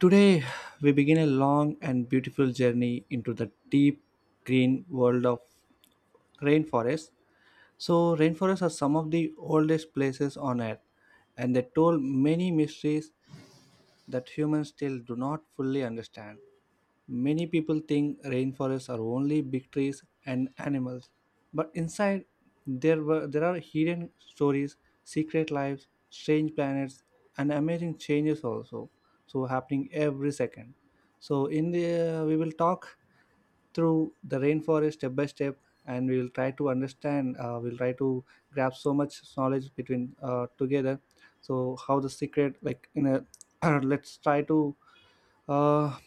Today, we begin a long and beautiful journey into the deep green world of rainforests. So, rainforests are some of the oldest places on earth, and they told many mysteries that humans still do not fully understand. Many people think rainforests are only big trees and animals, but inside there are hidden stories, secret lives, strange planets, and amazing changes also. So happening every second. So in the we will talk through the rainforest step by step, and we will try to understand. We'll try to grab so much knowledge between together. So how the secret like in a let's try to uh,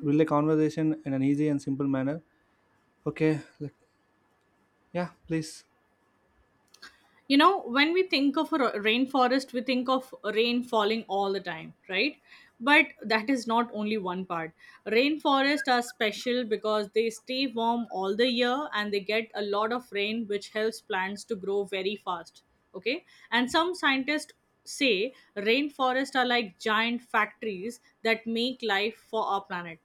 really conversation in an easy and simple manner. Okay, like, yeah, please. You know, when we think of a rainforest, we think of rain falling all the time, right? But that is not only one part. Rainforests are special because they stay warm all the year and they get a lot of rain, which helps plants to grow very fast. Okay. And some scientists say rainforests are like giant factories that make life for our planet.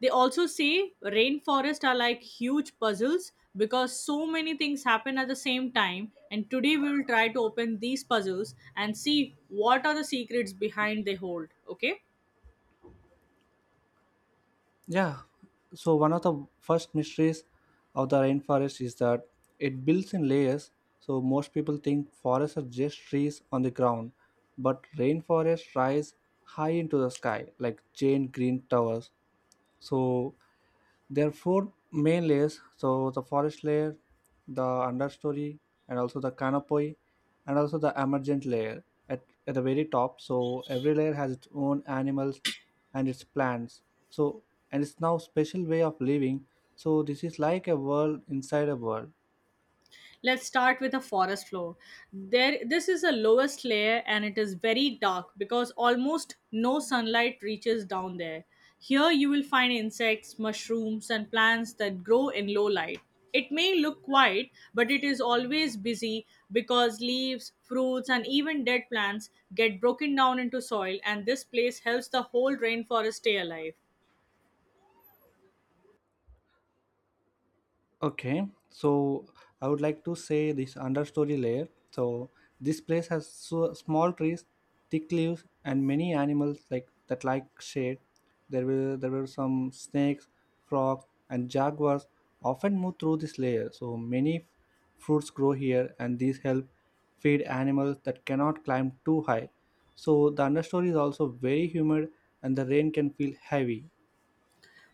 They also say rainforests are like huge puzzles because so many things happen at the same time. And today we will try to open these puzzles and see what are the secrets behind they hold. Okay. Yeah. So one of the first mysteries of the rainforest is that it builds in layers. So most people think forests are just trees on the ground, but rainforests rise high into the sky like giant green towers. So there are four main layers, so the forest layer, the understory, and also the canopy, and also the emergent layer at the very top. So every layer has its own animals and its plants. So and it's now special way of living. So this is like a world inside a world. Let's start with the forest floor. There this is the lowest layer and it is very dark because almost no sunlight reaches down there. Here you will find insects, mushrooms and plants that grow in low light. It may look quiet, but it is always busy because leaves, fruits, and even dead plants get broken down into soil, and this place helps the whole rainforest stay alive. Okay, so I would like to say this understory layer. So this place has so small trees, thick leaves, and many animals like that like shade. There were some snakes, frogs, and jaguars often move through this layer. So many fruits grow here, and these help feed animals that cannot climb too high. So the understory is also very humid, and the rain can feel heavy.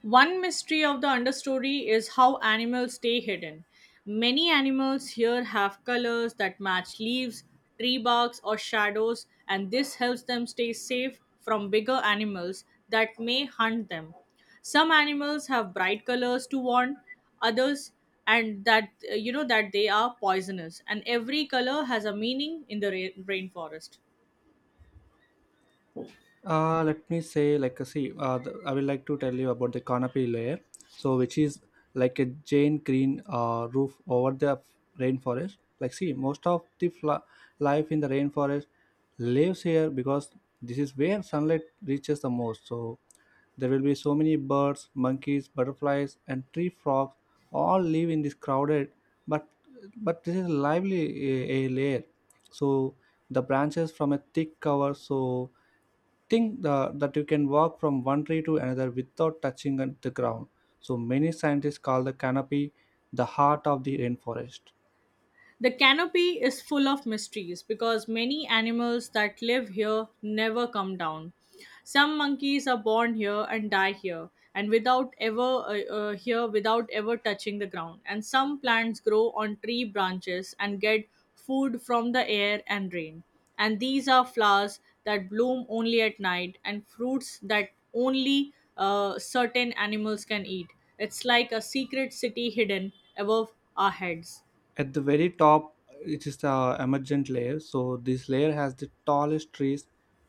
One mystery of the understory is how animals stay hidden. Many animals here have colors that match leaves, tree barks, or shadows, and this helps them stay safe from bigger animals that may hunt them. Some animals have bright colors to warn others, and that that they are poisonous, and every color has a meaning in the rainforest. Let me say, I would like to tell you about the canopy layer. So, which is like a giant green roof over the rainforest. Like, see, most of the life in the rainforest lives here because this is where sunlight reaches the most. So, there will be so many birds, monkeys, butterflies, and tree frogs all live in this crowded, but but this is lively a layer. So the branches from a thick cover, so think the, that you can walk from one tree to another without touching the ground. So many scientists call the canopy the heart of the rainforest. The canopy is full of mysteries because many animals that live here never come down. Some monkeys are born here and die here, and without ever here without ever touching the ground. And some plants grow on tree branches and get food from the air and rain. And these are flowers that bloom only at night and fruits that only certain animals can eat. It's like a secret city hidden above our heads. At the very top it is the emergent layer, so this layer has the tallest trees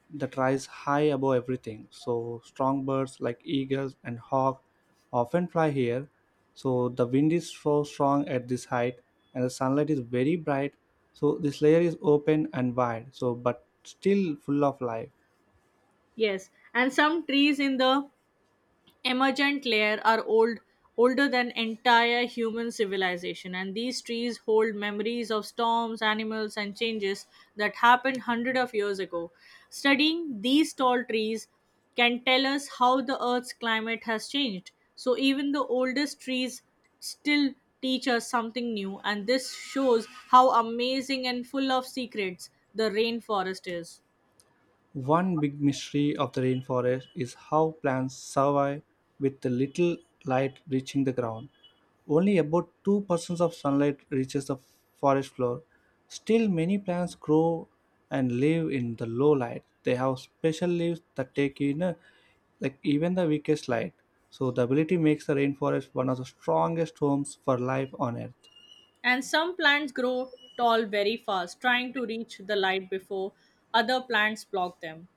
that rise high above everything. So strong birds like eagles and hawk often fly here, so the wind is so strong at this height and the sunlight is very bright. So this layer is open and wide, so but still full of life. Yes, and some trees in the emergent layer are old, older than entire human civilization, and these trees hold memories of storms, animals and changes that happened hundred of years ago. Studying these tall trees can tell us how the earth's climate has changed. So even the oldest trees still teach us something new, and this shows how amazing and full of secrets the rainforest is. One big mystery of the rainforest is how plants survive with the little light reaching the ground. Only about 2% of sunlight reaches the forest floor. Still, many plants grow and live in the low light. They have special leaves that take in like even the weakest light. So the ability makes the rainforest one of the strongest homes for life on earth. And some plants grow tall very fast, trying to reach the light before other plants block them.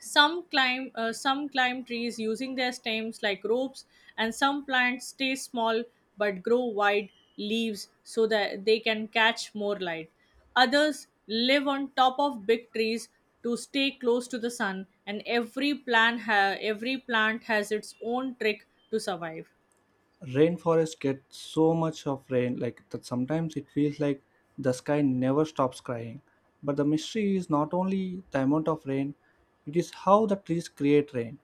Some climb trees using their stems like ropes, and some plants stay small but grow wide leaves so that they can catch more light. Others live on top of big trees to stay close to the sun, and every every plant has its own trick to survive. Rainforest get so much of rain like that sometimes it feels like the sky never stops crying, but the mystery is not only the amount of rain, it is how the trees create rain.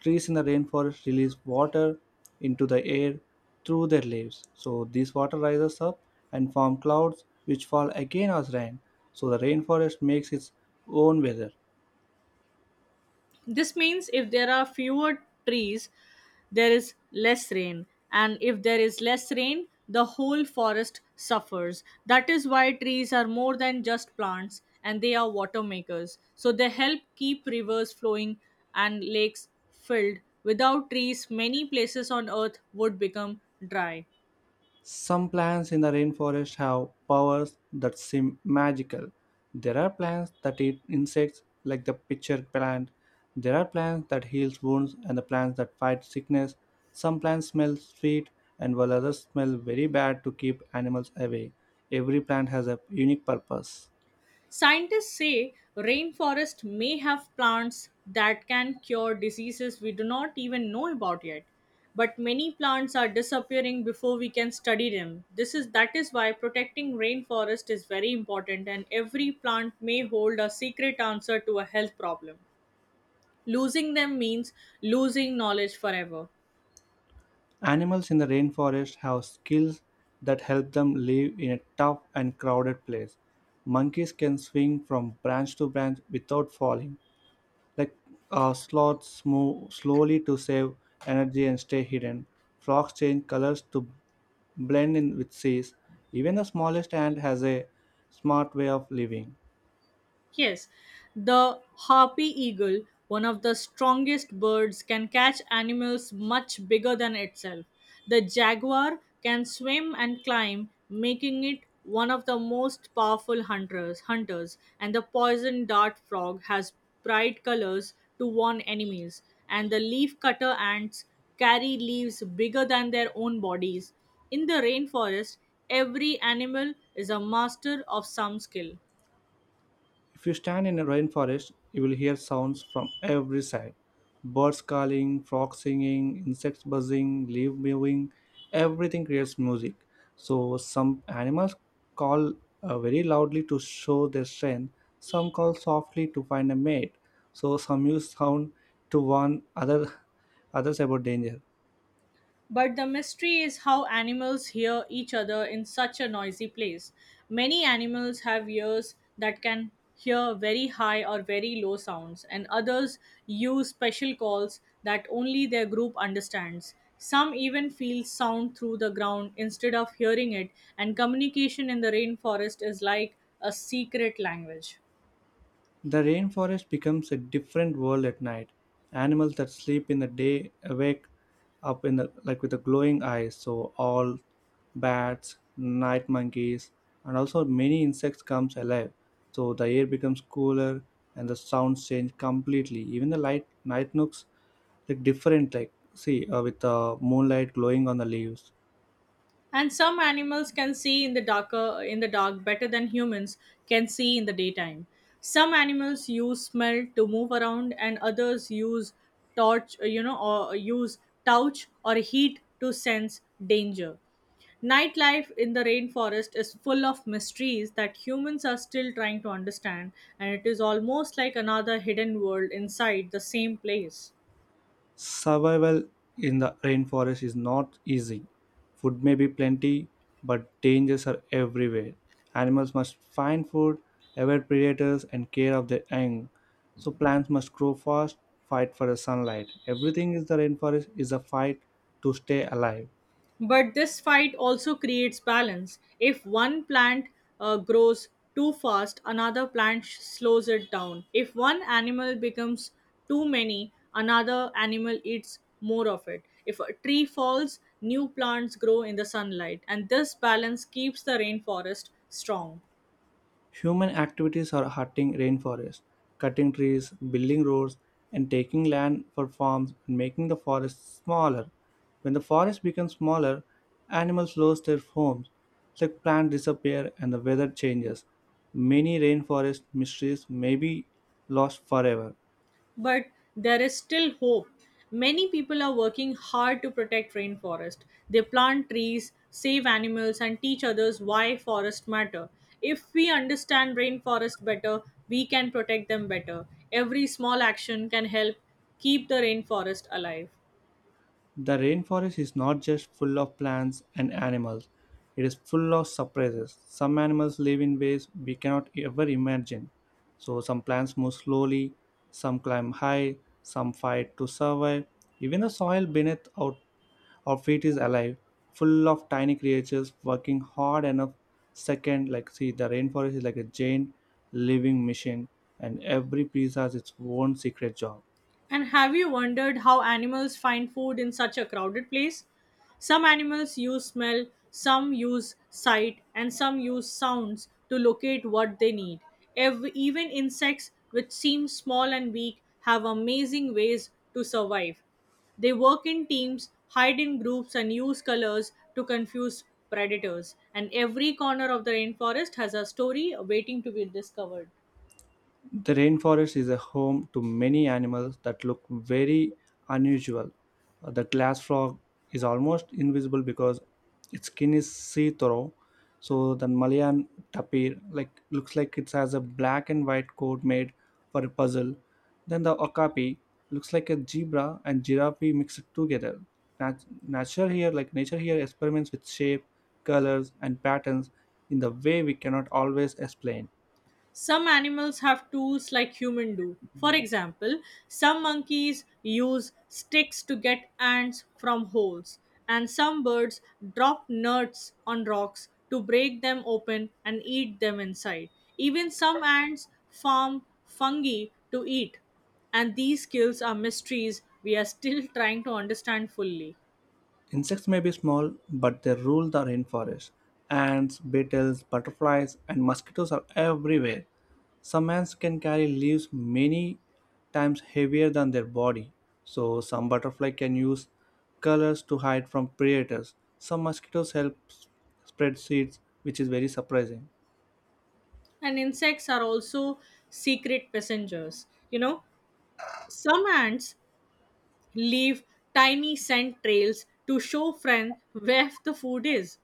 Trees in the rainforest release water into the air through their leaves, so this water rises up and form clouds which fall again as rain. So the rainforest makes its own weather. This means if there are fewer trees, there is less rain. And if there is less rain, the whole forest suffers. That is why trees are more than just plants, and they are water makers. So they help keep rivers flowing and lakes filled. Without trees, many places on earth would become dry. Some plants in the rainforest have powers that seem magical. There are plants that eat insects, like the pitcher plant. There are plants that heal wounds and the plants that fight sickness. Some plants smell sweet, and while others smell very bad to keep animals away. Every plant has a unique purpose. Scientists say rainforest may have plants that can cure diseases we do not even know about yet. But many plants are disappearing before we can study them. This is that is why protecting rainforest is very important, and every plant may hold a secret answer to a health problem. Losing them means losing knowledge forever. Animals in the rainforest have skills that help them live in a tough and crowded place. Monkeys can swing from branch to branch without falling. Like sloths move slowly to save energy and stay hidden. Frogs change colors to blend in with seas. Even the smallest ant has a smart way of living. Yes, the harpy eagle, one of the strongest birds, can catch animals much bigger than itself. The jaguar can swim and climb, making it one of the most powerful hunters. Hunters and the poison dart frog has bright colors to warn enemies. And the leaf cutter ants carry leaves bigger than their own bodies. In the rainforest, every animal is a master of some skill. If you stand in a rainforest, you will hear sounds from every side: birds calling, frogs singing, insects buzzing, leaves moving. Everything creates music. So, some animals call very loudly to show their strength, some call softly to find a mate. So, some use sound to warn other, others about danger. But the mystery is how animals hear each other in such a noisy place. Many animals have ears that can hear very high or very low sounds, and others use special calls that only their group understands. Some even feel sound through the ground instead of hearing it, and communication in the rainforest is like a secret language. The rainforest becomes a different world at night. Animals that sleep in the day awake up in the like with the glowing eyes. So all bats, night monkeys, and also many insects comes alive. So the air becomes cooler and the sounds change completely. Even the light night nooks look different. Like see with the moonlight glowing on the leaves. And some animals can see in the dark better than humans can see in the daytime. Some animals use smell to move around, and others use torch, you know, or use touch or heat to sense danger. Nightlife in the rainforest is full of mysteries that humans are still trying to understand, and it is almost like another hidden world inside the same place. Survival in the rainforest is not easy. Food may be plenty, but dangers are everywhere. Animals must find food, avoid predators, and care of their young. So plants must grow fast, fight for the sunlight. Everything in the rainforest is a fight to stay alive. But this fight also creates balance. If one plant grows too fast, another slows it down. If one animal becomes too many, another animal eats more of it. If a tree falls, new plants grow in the sunlight, and this balance keeps the rainforest strong. Human activities are hurting rainforests, cutting trees, building roads, and taking land for farms and making the forest smaller. When the forest becomes smaller, animals lose their homes, like plants disappear and the weather changes. Many rainforest mysteries may be lost forever. But there is still hope. Many people are working hard to protect rainforest. They plant trees, save animals, and teach others why forests matter. If we understand rainforest better, we can protect them better. Every small action can help keep the rainforest alive. The rainforest is not just full of plants and animals, it is full of surprises. Some animals live in ways we cannot ever imagine. So, some plants move slowly, some climb high, some fight to survive. Even the soil beneath our feet is alive, full of tiny creatures working hard enough. Second, like, see, the rainforest is like a giant living machine, and every piece has its own secret job. And have you wondered how animals find food in such a crowded place? Some animals use smell, some use sight, and some use sounds to locate what they need. Even insects, which seem small and weak, have amazing ways to survive. They work in teams, hide in groups, and use colors to confuse predators. And every corner of the rainforest has a story waiting to be discovered. The rainforest is a home to many animals that look very unusual. The glass frog is almost invisible because its skin is see-through. So the Malayan tapir like looks like it has a black and white coat made for a puzzle. Then the okapi looks like a zebra and giraffe mixed together. Nature here, like nature here, experiments with shape, colors, and patterns in the way we cannot always explain. Some animals have tools like humans do. For example, some monkeys use sticks to get ants from holes, and some birds drop nuts on rocks to break them open and eat them inside. Even some ants farm fungi to eat, and these skills are mysteries we are still trying to understand fully. Insects may be small, but they rule the rainforest. Ants, beetles, butterflies, and mosquitoes are everywhere. Some ants can carry leaves many times heavier than their body, so some butterflies can use colors to hide from predators. Some mosquitoes help spread seeds, which is very surprising. And insects are also secret passengers. You know, some ants leave tiny scent trails to show friends where the food is.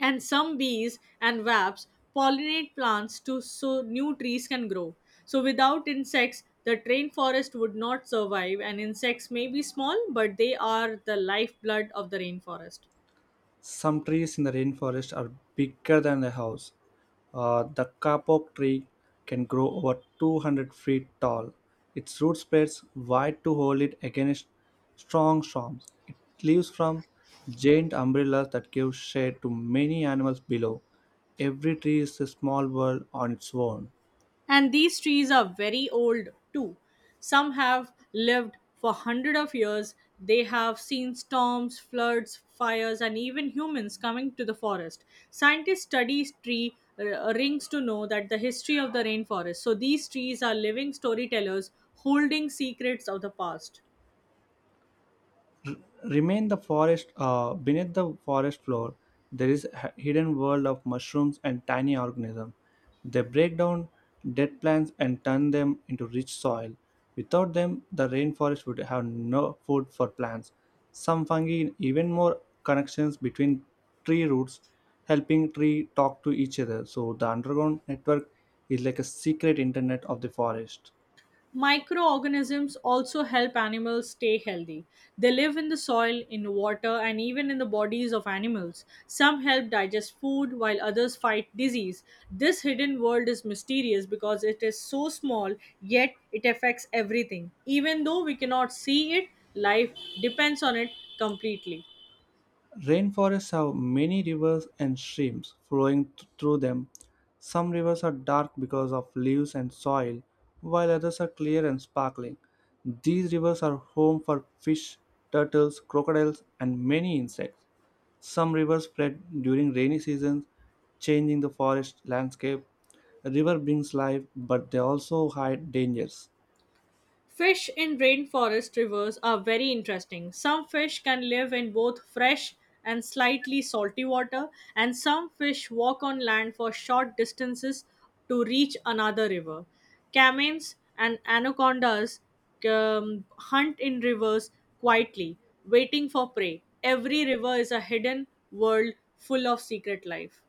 And some bees and wasps pollinate plants to so new trees can grow. So without insects, the rainforest would not survive, and insects may be small but they are the lifeblood of the rainforest. Some trees in the rainforest are bigger than a house. The kapok tree can grow over 200 feet tall. Its root spreads wide to hold it against strong storms. It leaves from giant umbrellas that give shade to many animals below. Every tree is a small world on its own. And these trees are very old too. Some have lived for hundreds of years. They have seen storms, floods, fires, and even humans coming to the forest. Scientists study tree rings to know that the history of the rainforest. So these trees are living storytellers holding secrets of the past. Remain the forest beneath the forest floor there is a hidden world of mushrooms and tiny organisms. They break down dead plants and turn them into rich soil. Without them the rainforest would have no food for plants. Some fungi even more connections between tree roots, helping tree talk to each other. So the underground network is like a secret internet of the forest. Microorganisms also help animals stay healthy. They live in the soil, in water, and even in the bodies of animals. Some help digest food while others fight disease. This hidden world is mysterious because it is so small, yet it affects everything. Even though we cannot see it, life depends on it completely. Rainforests have many rivers and streams flowing through them. Some rivers are dark because of leaves and soil, while others are clear and sparkling. These rivers are home for fish, turtles, crocodiles, and many insects. Some rivers flood during rainy seasons, changing the forest landscape. A river brings life, but they also hide dangers. Fish in rainforest rivers are very interesting. Some fish can live in both fresh and slightly salty water, and some fish walk on land for short distances to reach another river. Caimans and anacondas hunt in rivers quietly, waiting for prey. Every river is a hidden world full of secret life.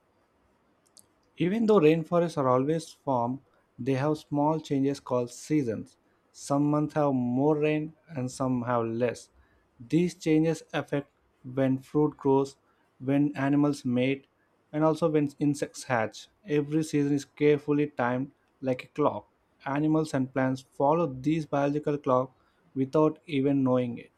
Even though rainforests are always formed, they have small changes called seasons. Some months have more rain and some have less. These changes affect when fruit grows, when animals mate, and also when insects hatch. Every season is carefully timed like a clock. Animals and plants follow this biological clock without even knowing it.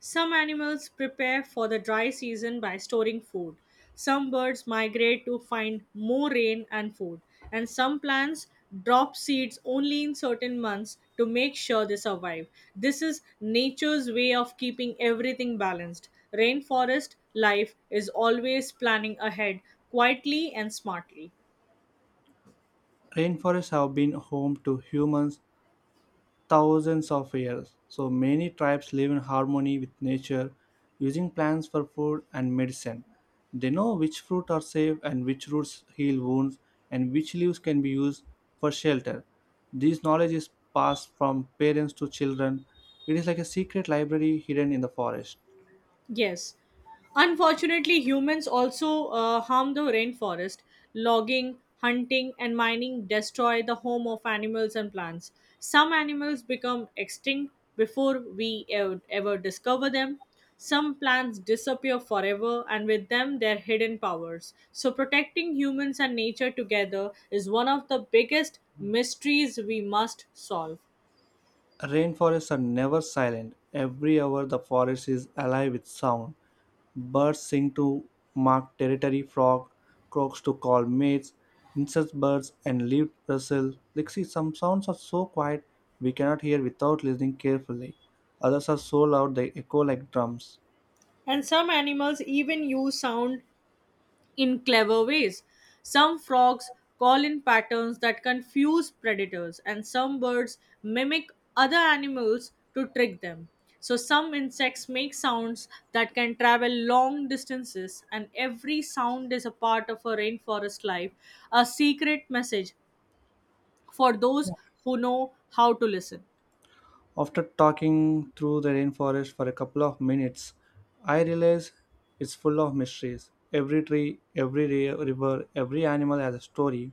Some animals prepare for the dry season by storing food. Some birds migrate to find more rain and food. And some plants drop seeds only in certain months to make sure they survive. This is nature's way of keeping everything balanced. Rainforest life is always planning ahead quietly and smartly. Rainforests have been home to humans thousands of years. So many tribes live in harmony with nature, using plants for food and medicine. They know which fruit are safe and which roots heal wounds and which leaves can be used for shelter. This knowledge is passed from parents to children. It is like a secret library hidden in the forest. Yes. Unfortunately, humans also harm the rainforest. Logging, hunting, and mining destroy the home of animals and plants. Some animals become extinct before we ever discover them. Some plants disappear forever, and with them, their hidden powers. So, protecting humans and nature together is one of the biggest mysteries we must solve. Rainforests are never silent. Every hour, the forest is alive with sound. Birds sing to mark territory, frog croaks to call mates, insect birds and leaves rustle. Like, see, some sounds are so quiet we cannot hear without listening carefully. Others are so loud they echo like drums. And some animals even use sound in clever ways. Some frogs call in patterns that confuse predators, and some birds mimic other animals to trick them. So, some insects make sounds that can travel long distances, and every sound is a part of a rainforest life, a secret message for those who know how to listen. After talking through the rainforest for a couple of minutes, I realized it's full of mysteries. Every tree, every river, every animal has a story.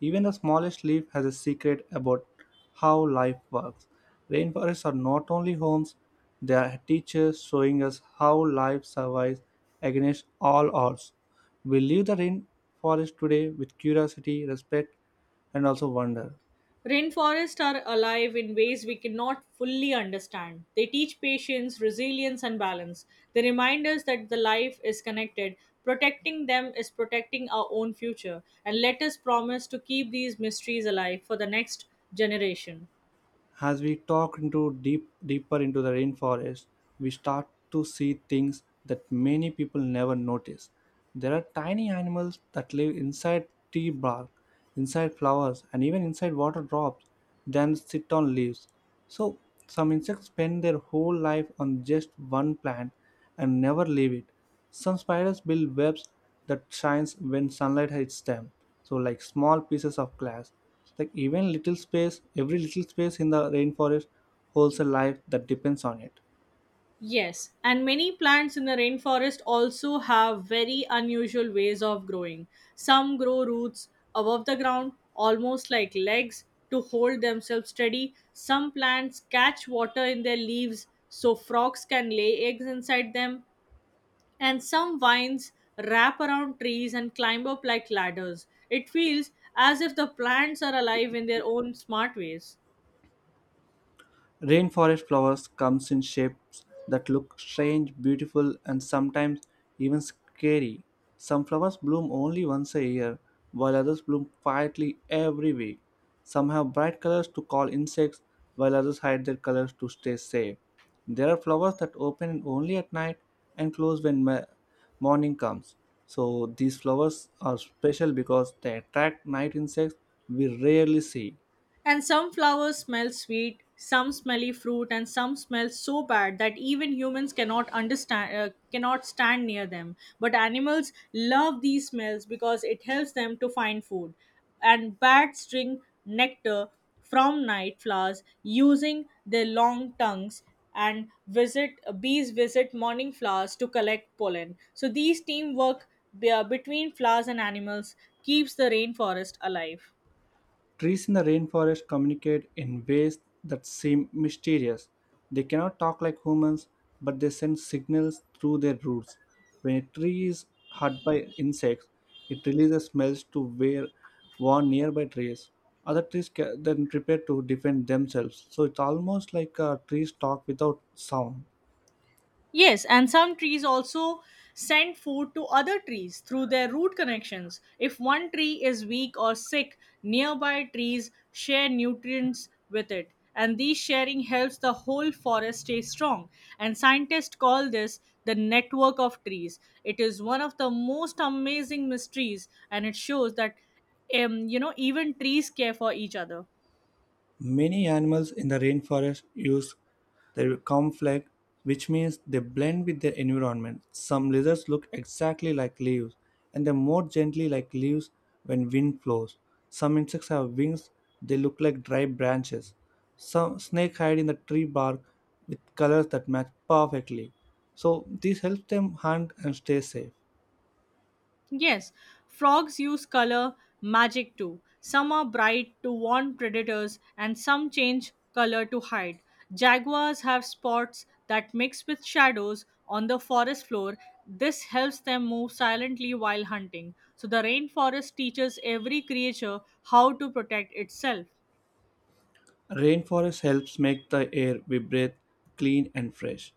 Even the smallest leaf has a secret about how life works. Rainforests are not only homes, they are teachers showing us how life survives against all odds. We leave the rainforest today with curiosity, respect, and also wonder. Rainforests are alive in ways we cannot fully understand. They teach patience, resilience, and balance. They remind us that the life is connected. Protecting them is protecting our own future. And let us promise to keep these mysteries alive for the next generation. As we talk into deeper into the rainforest, we start to see things that many people never notice. There are tiny animals that live inside tree bark, inside flowers, and even inside water drops then sit on leaves. So some insects spend their whole life on just one plant and never leave it. Some spiders build webs that shines when sunlight hits them. So like small pieces of glass. Like even little space, every little space in the rainforest holds a life that depends on it. Yes, and many plants in the rainforest also have very unusual ways of growing. Some grow roots above the ground, almost like legs, to hold themselves steady. Some plants catch water in their leaves so frogs can lay eggs inside them. And some vines wrap around trees and climb up like ladders. It feels as if the plants are alive in their own smart ways. Rainforest flowers comes in shapes that look strange, beautiful, and sometimes even scary. Some flowers bloom only once a year, while others bloom quietly every week. Some have bright colors to call insects, while others hide their colors to stay safe. There are flowers that open only at night and close when morning comes. So these flowers are special because they attract night insects we rarely see. And some flowers smell sweet, some smelly fruit, and some smell so bad that even humans cannot stand near them. But animals love these smells because it helps them to find food. And bats drink nectar from night flowers using their long tongues and visit bees visit morning flowers to collect pollen so these teamwork between flowers and animals keeps the rainforest alive. Trees in the rainforest communicate in ways that seem mysterious. They cannot talk like humans, but they send signals through their roots. When a tree is hurt by insects, it releases smells to where warn nearby trees. Other trees then prepare to defend themselves. So it's almost like trees talk without sound. Yes, and some trees also send food to other trees through their root connections. If one tree is weak or sick, nearby trees share nutrients with it, and these sharing helps the whole forest stay strong. And scientists call this the network of trees. It is one of the most amazing mysteries, and it shows that even trees care for each other. Many animals in the rainforest use their camouflage, which means they blend with their environment. Some lizards look exactly like leaves, and they move gently like leaves when wind blows. Some insects have wings, they look like dry branches. Some snakes hide in the tree bark with colors that match perfectly. So this helps them hunt and stay safe. Yes, frogs use color magic too. Some are bright to warn predators, and some change color to hide. Jaguars have spots that mix with shadows on the forest floor. This helps them move silently while hunting. So, the rainforest teaches every creature how to protect itself. Rainforest helps make the air we breathe clean and fresh.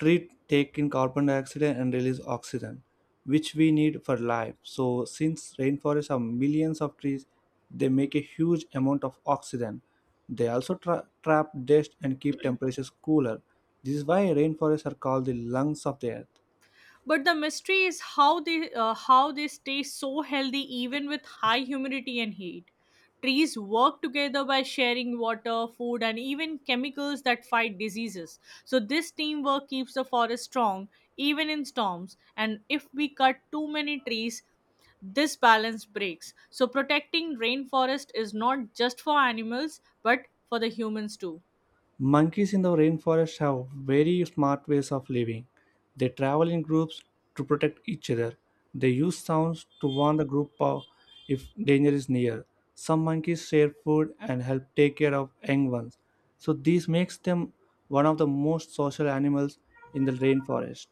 Trees take in carbon dioxide and release oxygen, which we need for life. So, since rainforests have millions of trees, they make a huge amount of oxygen. They also trap dust and keep temperatures cooler. This is why rainforests are called the lungs of the earth. But the mystery is how they stay so healthy even with high humidity and heat. Trees work together by sharing water, food, and even chemicals that fight diseases, so this teamwork keeps the forest strong even in storms. And if we cut too many trees, this balance breaks, so protecting rainforest is not just for animals but for the humans too. Monkeys in the rainforest have very smart ways of living. They travel in groups to protect each other. They use sounds to warn the group of if danger is near. Some monkeys share food and help take care of young ones. So this makes them one of the most social animals in the rainforest.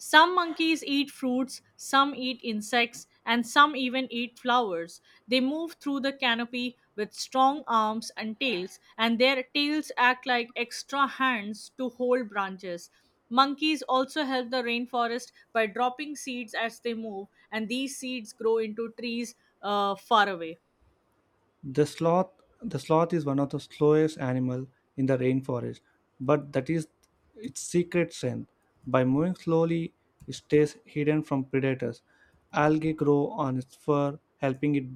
Some monkeys eat fruits, some eat insects, and some even eat flowers. They move through the canopy with strong arms and tails, and their tails act like extra hands to hold branches. Monkeys also help the rainforest by dropping seeds as they move, and these seeds grow into trees far away. The sloth the sloth is one of the slowest animal in the rainforest, but that is its secret strength. By moving slowly, it stays hidden from predators. Algae grow on its fur, helping it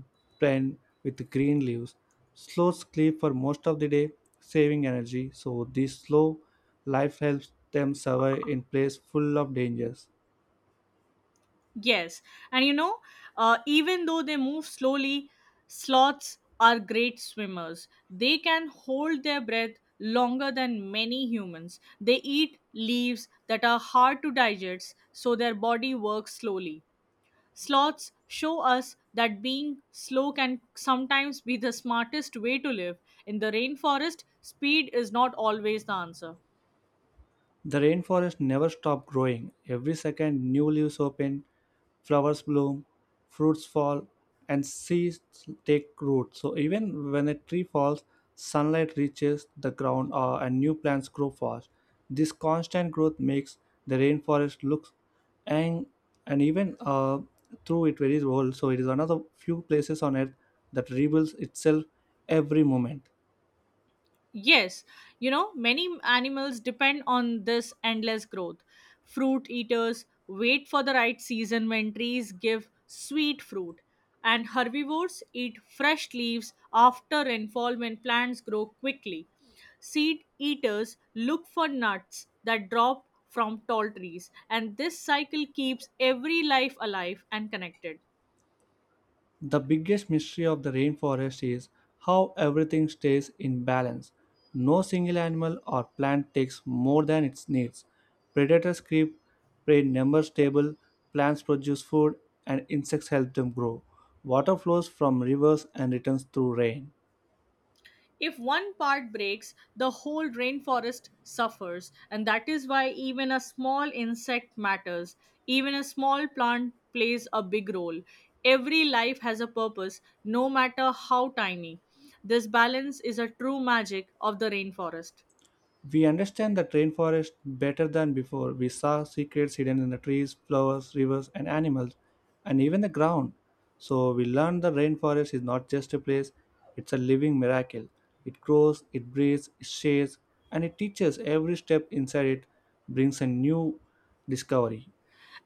blend with green leaves. Sloths sleep for most of the day, saving energy, so this slow life helps them survive in place full of dangers. Yes, and you know, Even though they move slowly, sloths are great swimmers. They can hold their breath longer than many humans. They eat leaves that are hard to digest, so their body works slowly. Sloths show us that being slow can sometimes be the smartest way to live. In the rainforest, speed is not always the answer. The rainforest never stops growing. Every second, new leaves open, flowers bloom, fruits fall, and seeds take root. So, even when a tree falls, sunlight reaches the ground and new plants grow fast. This constant growth makes the rainforest look and, and even through it very old. So, it is another few places on earth that rebuilds itself every moment. Yes, Many animals depend on this endless growth. Fruit eaters wait for the right season when trees give sweet fruit, and herbivores eat fresh leaves after rainfall when plants grow quickly. Seed eaters look for nuts that drop from tall trees, and this cycle keeps every life alive and connected. The biggest mystery of the rainforest is how everything stays in balance. No single animal or plant takes more than it needs. Predators keep prey numbers stable, plants produce food, and insects help them grow. Water flows from rivers and returns through rain. If one part breaks, the whole rainforest suffers, and that is why even a small insect matters. Even a small plant plays a big role. Every life has a purpose, no matter how tiny. This balance is a true magic of the rainforest. We understand the rainforest better than before. We saw secrets hidden in the trees, flowers, rivers, and animals, and even the ground. So we learned the rainforest is not just a place, it's a living miracle. It grows, it breathes, it shades, and it teaches every step inside it brings a new discovery.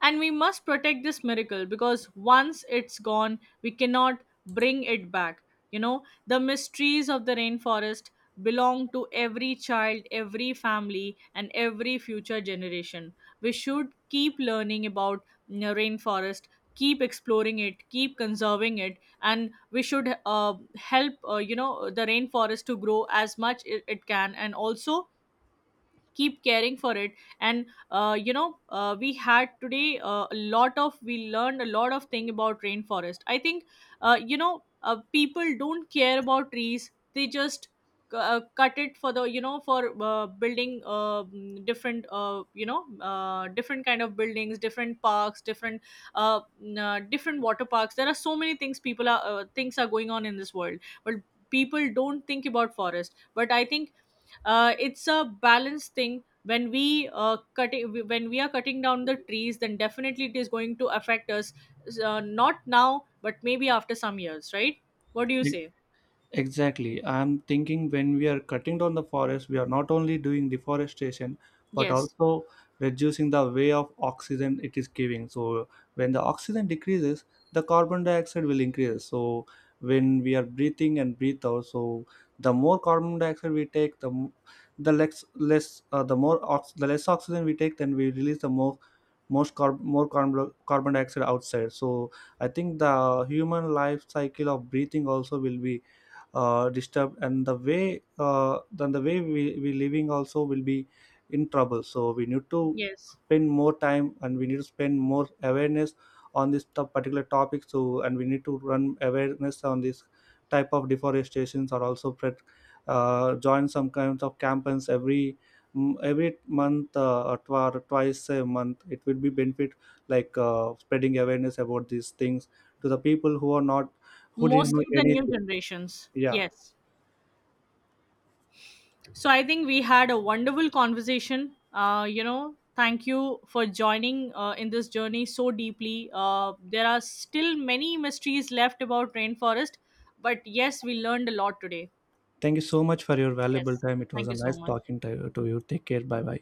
And we must protect this miracle because once it's gone, we cannot bring it back. The mysteries of the rainforest belong to every child, every family, and every future generation. We should keep learning about rainforest, keep exploring it, keep conserving it, and we should help, the rainforest to grow as much it can, and also keep caring for it. And we had today a lot of we learned a lot of thing about rainforest, I think. People don't care about trees, they just cut it for, the for building, different, different kind of buildings, different parks, different different water parks. There are so many things people are, things are going on in this world, but people don't think about forest. But I think it's a balanced thing. When we are cutting down the trees, then definitely it is going to affect us, not now but maybe after some years, right? What do you say? Exactly. I'm thinking when we are cutting down the forest, we are not only doing deforestation, but Yes. also reducing the way of oxygen it is giving. So when the oxygen decreases, the carbon dioxide will increase. So when we are breathing and breathe out, so the more carbon dioxide we take, the less the more the less oxygen we take, then we release the more carbon dioxide outside. So I think the human life cycle of breathing also will be disturbed, and the way then the way we living also will be in trouble, so we need to Yes, spend more time, and we need to spend more awareness on particular topic. So and we need to run awareness on this type of deforestations, or also join some kinds of campaigns every every month or or twice a month, it will be benefit, like spreading awareness about these things to the people who are not, who didn't know mostly the new anything. generations, Yeah. yes. So I think we had a wonderful conversation. Thank you for joining in this journey so deeply. There are still many mysteries left about rainforest, but yes, we learned a lot today. Thank you so much for your valuable Yes. time. It was Thank a you so nice much. talking to you. Take care. Bye bye.